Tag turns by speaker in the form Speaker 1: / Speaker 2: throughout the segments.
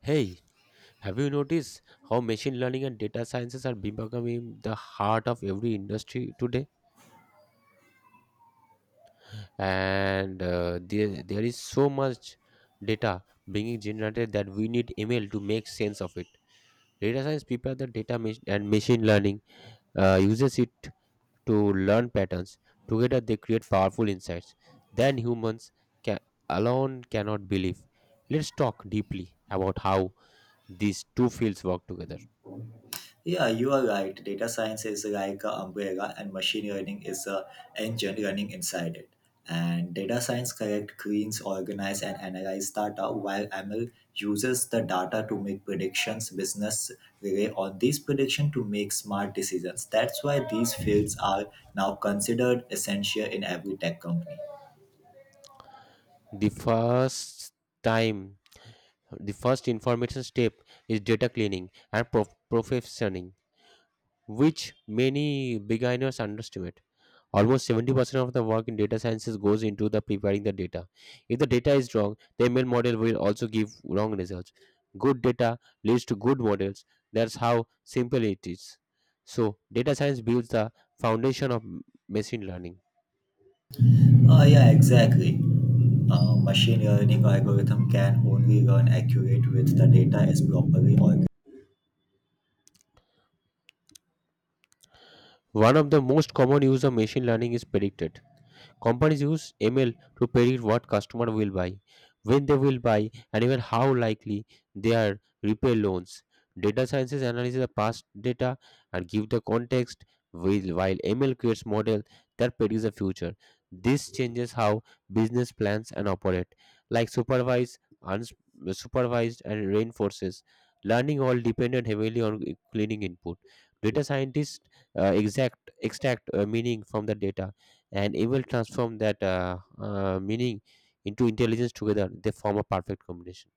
Speaker 1: Hey, have you noticed how machine learning and data sciences are becoming the heart of every industry today? And there is so much data being generated that we need ML to make sense of it. Data science prepare the data and machine learning uses it to learn patterns. Together, they create powerful insights. Then humans can, alone cannot believe. Let's talk deeply about how these two fields work together.
Speaker 2: Yeah, you are right. Data science is like an umbrella, and machine learning is a engine running inside it. And data science collect, cleans, organize, and analyze data, while ML uses the data to make predictions. Business rely on these predictions to make smart decisions. That's why these fields are now considered essential in every tech company.
Speaker 1: The first time the first information step is data cleaning and provisioning, which many beginners underestimate. Almost 70% of the work in data sciences goes into the preparing the data. If the data is wrong, the ml model will also give wrong results. Good data leads to good models. That's how simple it is. So data science builds the foundation of machine learning.
Speaker 2: Oh yeah, exactly. Machine learning algorithm can only learn accurate with the data is properly organized.
Speaker 1: One of the most common use of machine learning is predicted. Companies use ML to predict what customer will buy, when they will buy, and even how likely they are repay loans. Data sciences analyzes the past data and give the context, while ML creates model that predicts the future. This changes how business plans and operate, like supervised, unsupervised, and reinforces. Learning all depended heavily on cleaning input. Data scientists exact extract meaning from the data and evil transform that meaning into intelligence. Together they form a perfect combination.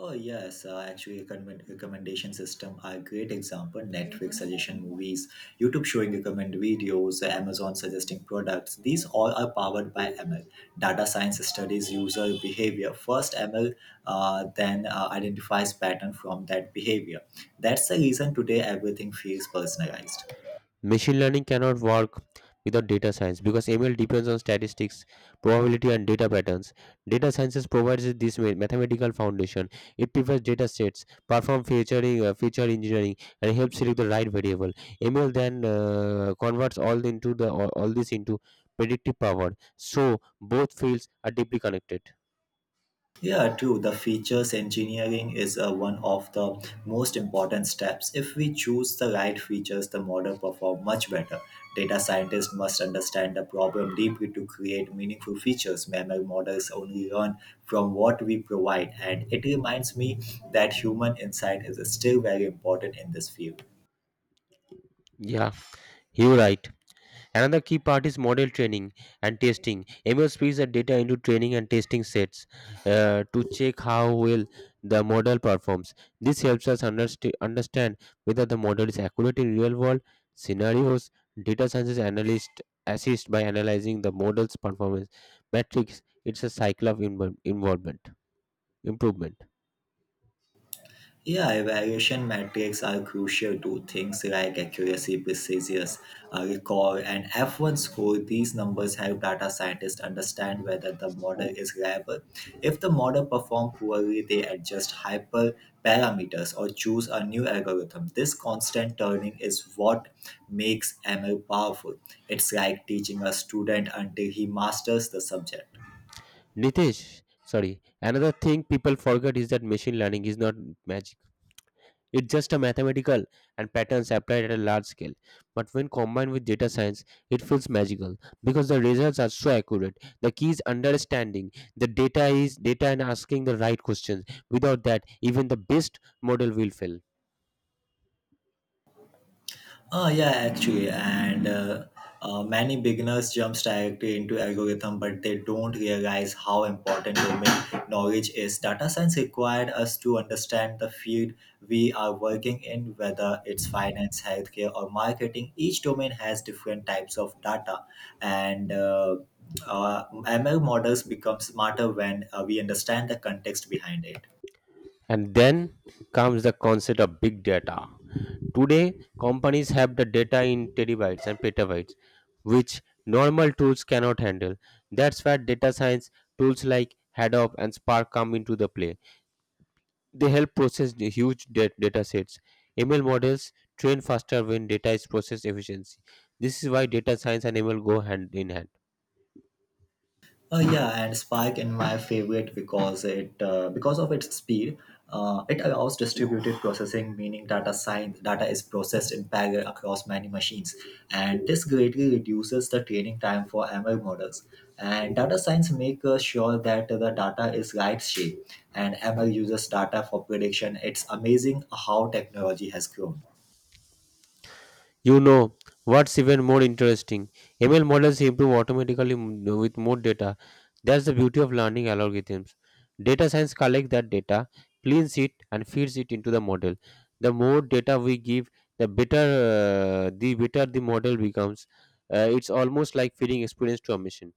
Speaker 2: Oh yes, actually, a recommendation system are a great example. Netflix suggestion movies, YouTube showing recommend videos, Amazon suggesting products. These all are powered by ML. Data science studies user behavior. First, ML then identifies pattern from that behavior. That's the reason today everything feels personalized.
Speaker 1: Machine learning cannot work without data science because ml depends on statistics, probability and data patterns. Data sciences provides this mathematical foundation. It prefers data sets, perform featuring, feature engineering, and helps select the right variable. ML then converts all this into predictive power. So both fields are deeply connected.
Speaker 2: Yeah, true. The features engineering is one of the most important steps. If we choose the right features, the model perform much better. Data scientists must understand the problem deeply to create meaningful features. Mammal models only learn from what we provide, and it reminds me that human insight is still very important in this field.
Speaker 1: Yeah, you're right. Another key part is model training and testing. ML splits the data into training and testing sets to check how well the model performs. This helps us understand whether the model is accurate in real world scenarios. Data science analysts assist by analyzing the model's performance metrics. It's a cycle of involvement, improvement.
Speaker 2: Yeah, evaluation metrics are crucial to things like accuracy, precision, recall, and F1 score. These numbers help data scientists understand whether the model is reliable. If the model performs poorly, they adjust hyper parameters or choose a new algorithm. This constant turning is what makes ML powerful. It's like teaching a student until he masters the subject.
Speaker 1: Nitesh, sorry, another thing people forget is that machine learning is not magic. It's just a mathematical and patterns applied at a large scale. But when combined with data science, it feels magical because the results are so accurate. The key is understanding the data is data and asking the right questions. Without that, even the best model will fail.
Speaker 2: Yeah, actually, and many beginners jump directly into algorithm, but they don't realize how important domain knowledge is. Data science required us to understand the field we are working in, whether it's finance, healthcare, or marketing. Each domain has different types of data, and ML models become smarter when we understand the context behind it.
Speaker 1: And then comes the concept of big data. Today, companies have the data in terabytes and petabytes, which normal tools cannot handle. That's where data science tools like Hadoop and Spark come into the play. They help process the huge data sets. ML models train faster when data is processed efficiency. This is why data science and ML go hand in hand.
Speaker 2: Yeah, and Spike in my favorite because of its speed, it allows distributed processing, meaning data science data is processed in parallel across many machines, and this greatly reduces the training time for ML models. And data science makes sure that the data is right shape, and ML uses data for prediction. It's amazing how technology has grown.
Speaker 1: You know, what's even more interesting? ML models improve automatically with more data. That's the beauty of learning algorithms. Data science collects that data, cleans it, and feeds it into the model. The more data we give, the better the model becomes. It's almost like feeding experience to a machine.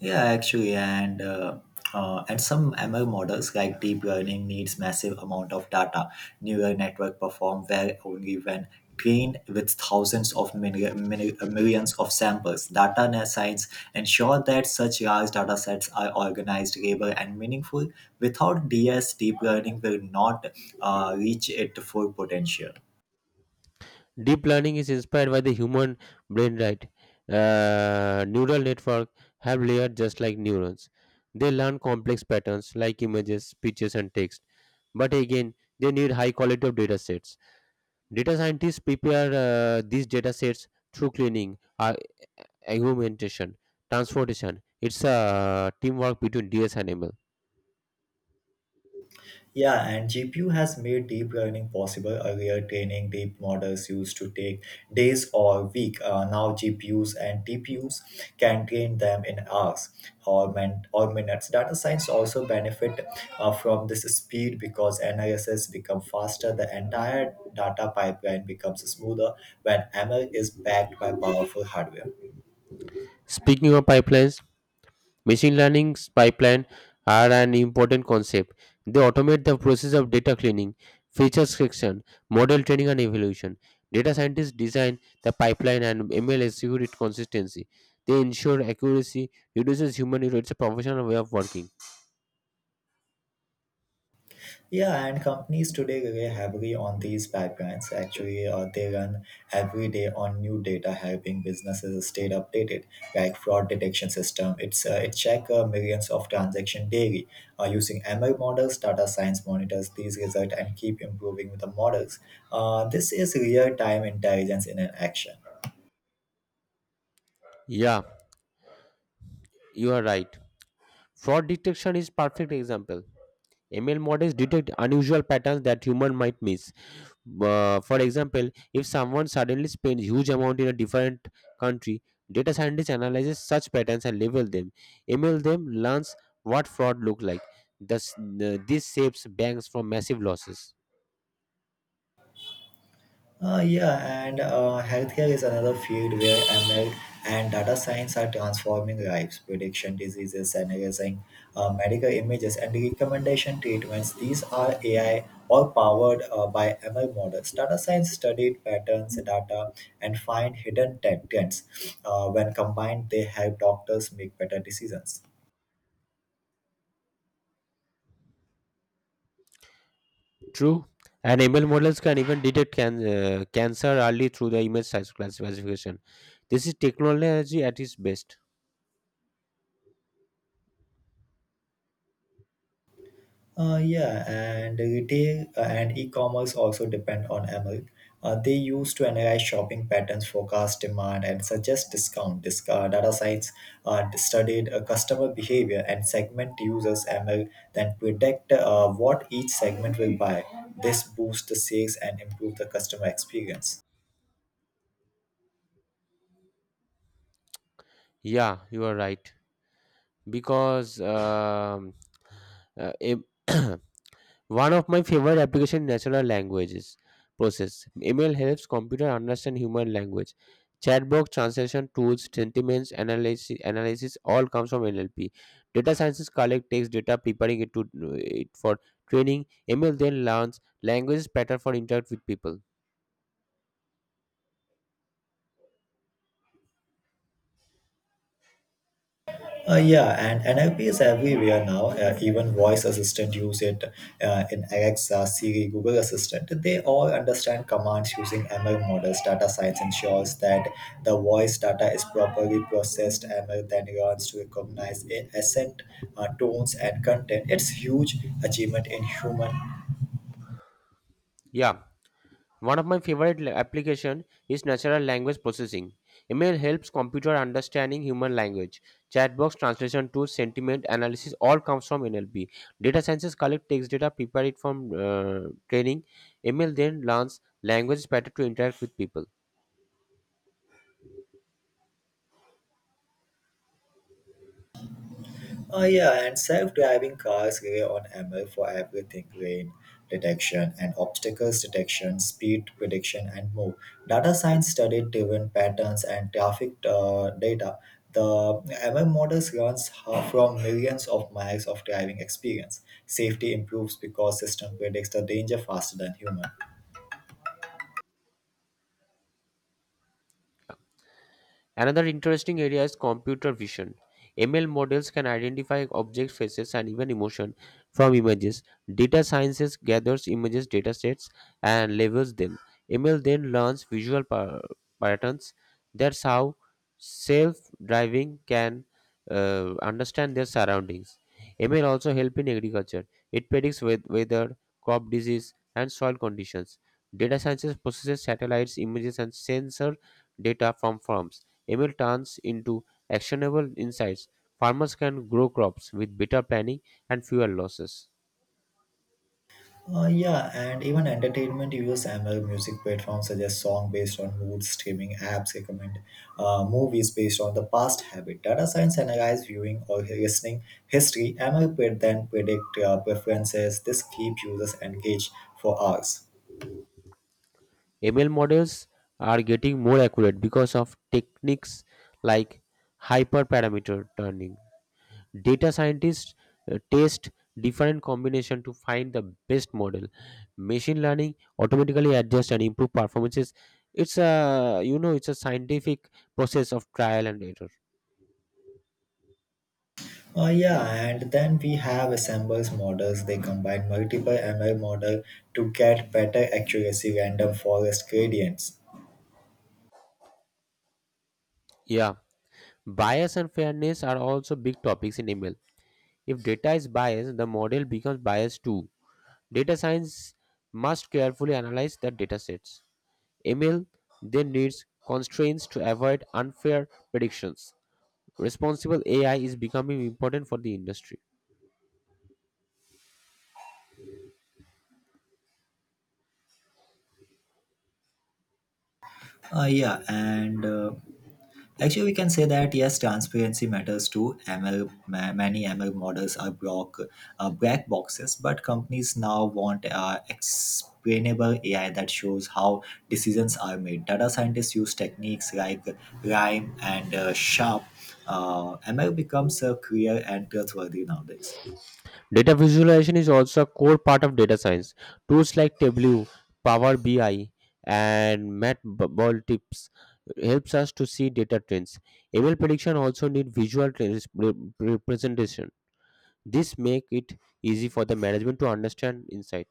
Speaker 2: Yeah, actually, and some ML models like deep learning needs massive amount of data. Neural network perform well only when trained with thousands of millions of samples. Data science ensure that such large data sets are organized, labeled, and meaningful. Without DS, deep learning will not reach its full potential.
Speaker 1: Deep learning is inspired by the human brain, right? Neural network have layers just like neurons. They learn complex patterns like images, speeches, and text. But again, they need high quality of data sets. Data scientists prepare these data sets through cleaning, augmentation, transportation. It's a teamwork between DS and ML.
Speaker 2: Yeah, and GPU has made deep learning possible. Earlier, training deep models used to take days or week. Now, GPUs and TPUs can train them in hours or minutes. Data science also benefit from this speed because analysis become faster. The entire data pipeline becomes smoother when ML is backed by powerful hardware.
Speaker 1: Speaking of pipelines, machine learning pipeline are an important concept. They automate the process of data cleaning, feature selection, model training and evaluation. Data scientists design the pipeline and ML execute it consistency. They ensure accuracy, reduces human error. It's a professional way of working.
Speaker 2: Yeah, and companies today rely heavily on these pipelines. Actually, they run every day on new data, helping businesses stay updated, like fraud detection system. It check millions of transactions daily using ML models, data science monitors these results, and keep improving with the models. This is real time intelligence in an action.
Speaker 1: Yeah, you are right. Fraud detection is perfect example. ML models detect unusual patterns that human might miss. For example, if someone suddenly spends huge amount in a different country, data scientist analyzes such patterns and label them. Email them learns what fraud look like. Thus, this saves banks from massive losses.
Speaker 2: Yeah, and healthcare is another field where ML and data science are transforming lives, prediction diseases, analyzing medical images, and recommendation treatments. These are AI or powered by ML models. Data science studied patterns, data, and find hidden tech trends. When combined, they help doctors make better decisions.
Speaker 1: True, and ML models can even detect cancer early through the image size classification. This is technology at its best.
Speaker 2: Yeah, and retail and e-commerce also depend on ML. They use to analyze shopping patterns, forecast demand, and suggest discount. This data science studied customer behavior and segment users ML, then predict what each segment will buy. This boosts the sales and improve the customer experience.
Speaker 1: Yeah, you are right because uh, em- One of my favorite application natural languages process. ML helps computer understand human language. Chatbot translation tools, analysis all comes from NLP. Data scientists collect text data, preparing it for training. ML then learns languages pattern for interact with people.
Speaker 2: Yeah, and NLP is everywhere now. Even voice assistant use it in Alexa, Siri, Google Assistant. They all understand commands using ML models. Data science ensures that the voice data is properly processed. ML then learns to recognize accent, tones, and content. It's huge achievement in human.
Speaker 1: Yeah. One of my favorite application is natural language processing. ML helps computer understanding human language. Chatbox translation tools, sentiment analysis all comes from NLP. Data scientists collect text data, prepare it from training. ML then learns language pattern to interact with people.
Speaker 2: Oh yeah, and self-driving cars rely on ML for everything: rain detection and obstacles detection, speed prediction, and more. Data science studied driven patterns and traffic data. The ML models runs from millions of miles of driving experience. Safety improves because system predicts the danger faster than human.
Speaker 1: Another interesting area is computer vision. ML models can identify object faces and even emotion from images. Data sciences gathers images datasets and labels them. ML then learns visual patterns. That's how self-driving can understand their surroundings. ML also help in agriculture. It predicts weather, crop disease, and soil conditions. Data sciences processes satellites, images, and sensor data from farms. ML turns into actionable insights. Farmers can grow crops with better planning and fewer losses.
Speaker 2: Yeah, and even entertainment use ML music platforms such as song based on mood, streaming apps recommend movies based on the past habit. Data science analyze viewing or listening history. ML then predict preferences. This keeps users engaged for hours.
Speaker 1: ML models are getting more accurate because of techniques like hyperparameter turning. Data scientists test different combination to find the best model. Machine learning automatically adjusts and improve performances. It's a scientific process of trial and error.
Speaker 2: Yeah, and then we have assembles models. They combine multiple ML model to get better accuracy, random forest gradients.
Speaker 1: Yeah, bias and fairness are also big topics in ML. If data is biased, the model becomes biased too. Data science must carefully analyze the data sets. ML then needs constraints to avoid unfair predictions. Responsible AI is becoming important for the industry.
Speaker 2: Yeah, and actually, we can say that yes, transparency matters too. ML, many ML models are black boxes, but companies now want explainable AI that shows how decisions are made. Data scientists use techniques like rhyme and sharp. ML becomes clear and trustworthy nowadays.
Speaker 1: Data visualization is also a core part of data science. Tools like Tableau, Power BI, and MatBalltips helps us to see data trends. ML prediction also need visual representation. This make it easy for the management to understand insight.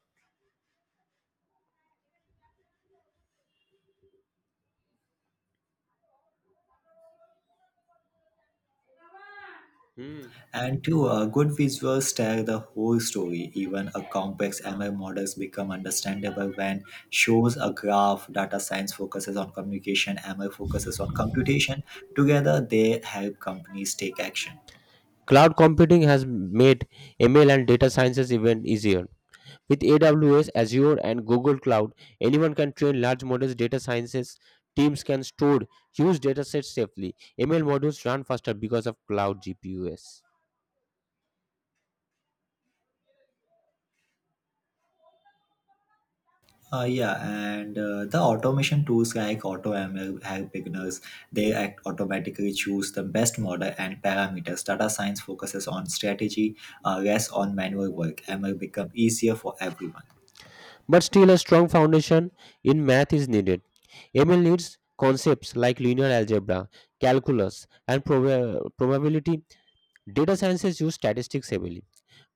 Speaker 1: Hmm.
Speaker 2: And to a good visuals tell the whole story. Even a complex ML models become understandable when shows a graph. Data science focuses on communication, ML focuses on computation. Together, they help companies take action.
Speaker 1: Cloud computing has made ML and data sciences even easier. With AWS, Azure, and Google Cloud, anyone can train large models. Data sciences teams can store huge data sets safely. ML models run faster because of cloud GPUs.
Speaker 2: Yeah, and the automation tools like AutoML help beginners. They act automatically choose the best model and parameters. Data science focuses on strategy, less on manual work. ML become easier for everyone.
Speaker 1: But still, a strong foundation in math is needed. ML needs concepts like linear algebra, calculus, and probability. Data sciences use statistics heavily.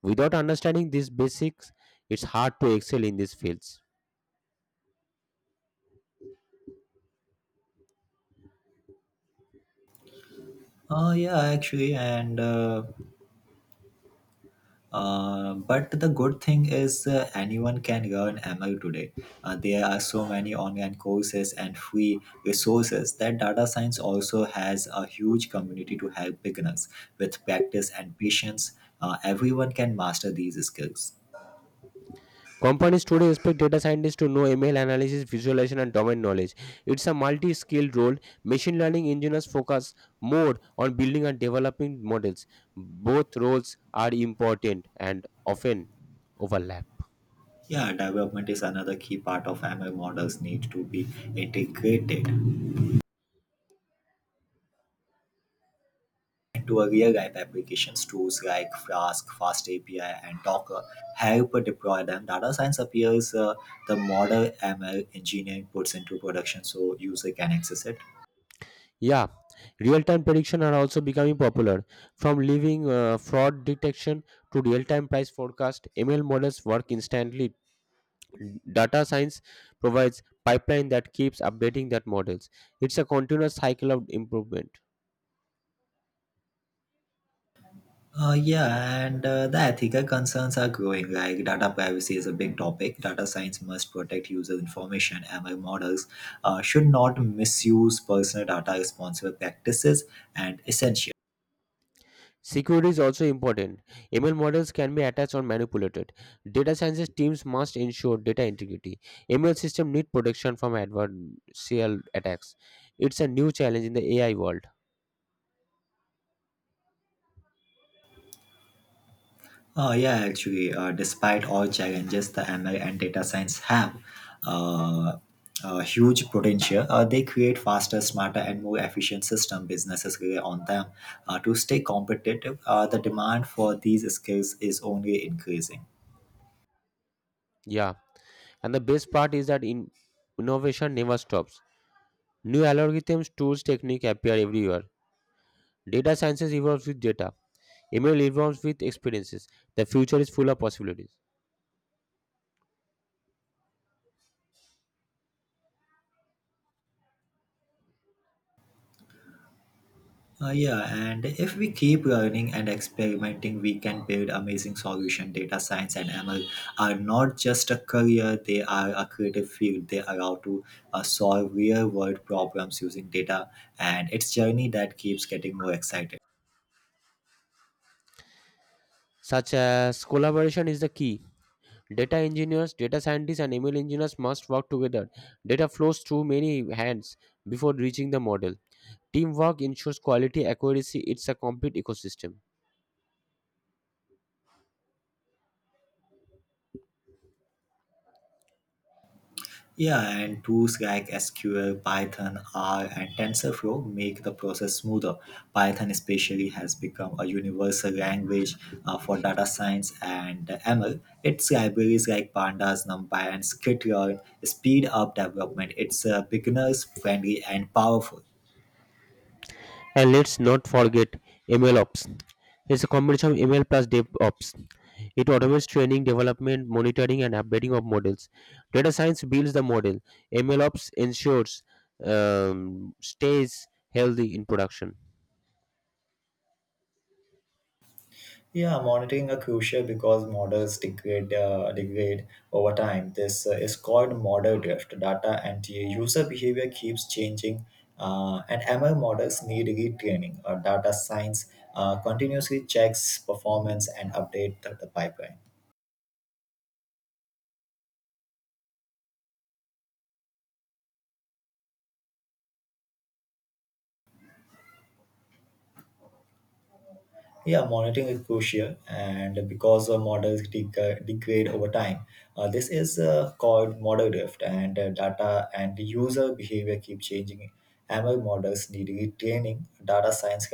Speaker 1: Without understanding these basics, it's hard to excel in these fields.
Speaker 2: Yeah, actually, and but the good thing is anyone can learn ML today. There are so many online courses and free resources that data science also has a huge community to help beginners. With practice and patience, everyone can master these skills.
Speaker 1: Companies today expect data scientists to know ML analysis, visualization, and domain knowledge. It's a multi skilled role. Machine learning engineers focus more on building and developing models. Both roles are important and often overlap.
Speaker 2: Yeah, development is another key part of ML models need to be integrated to a real life applications tools like Flask, FastAPI, and Docker help deploy them. Data science appears the model ML engineering puts into production so user can access it.
Speaker 1: Yeah, real time prediction are also becoming popular. From leaving fraud detection to real time price forecast, ML models work instantly. Data science provides pipeline that keeps updating that models. It's a continuous cycle of improvement.
Speaker 2: Yeah, and the ethical concerns are growing. Like data privacy is a big topic. Data science must protect user information. ML models should not misuse personal data. Responsible practices and essential.
Speaker 1: Security is also important. ML models can be attached or manipulated. Data science teams must ensure data integrity. ML systems need protection from adversarial attacks. It's a new challenge in the AI world.
Speaker 2: Yeah, actually, despite all challenges the ML and data science have, uh, a huge potential. They create faster, smarter, and more efficient system. Businesses rely on them to stay competitive. The demand for these skills is only increasing.
Speaker 1: Yeah. And the best part is that in innovation never stops. New algorithms, tools, technique appear everywhere. Data sciences evolves with data. ML evolves with experiences. The future is full of possibilities.
Speaker 2: Yeah, and if we keep learning and experimenting, we can build amazing solution. Data science and ML are not just a career; they are a creative field. They allow to solve real-world problems using data, and it's journey that keeps getting more exciting.
Speaker 1: Such as collaboration is the key. Data engineers, data scientists, and ML engineers must work together. Data flows through many hands before reaching the model. Teamwork ensures quality accuracy. It's a complete ecosystem.
Speaker 2: Yeah, and tools like SQL, Python, R, and TensorFlow make the process smoother. Python, especially, has become a universal language for data science and ML. Its libraries like Pandas, NumPy, and Skitlearn speed up development. It's beginners friendly and powerful.
Speaker 1: And let's not forget ML Ops. It's a combination of ML plus DevOps. It automates training, development, monitoring, and updating of models. Data science builds the model. ML Ops ensures stays healthy in production.
Speaker 2: Yeah, monitoring are crucial because models degrade over time. This is called model drift. Data and the user behavior keeps changing, and ML models need retraining. Data science continuously checks performance and update the pipeline. Yeah, monitoring is crucial, and because models degrade over time, this is called model drift, and data and user behavior keep changing. ML models need retraining. Data science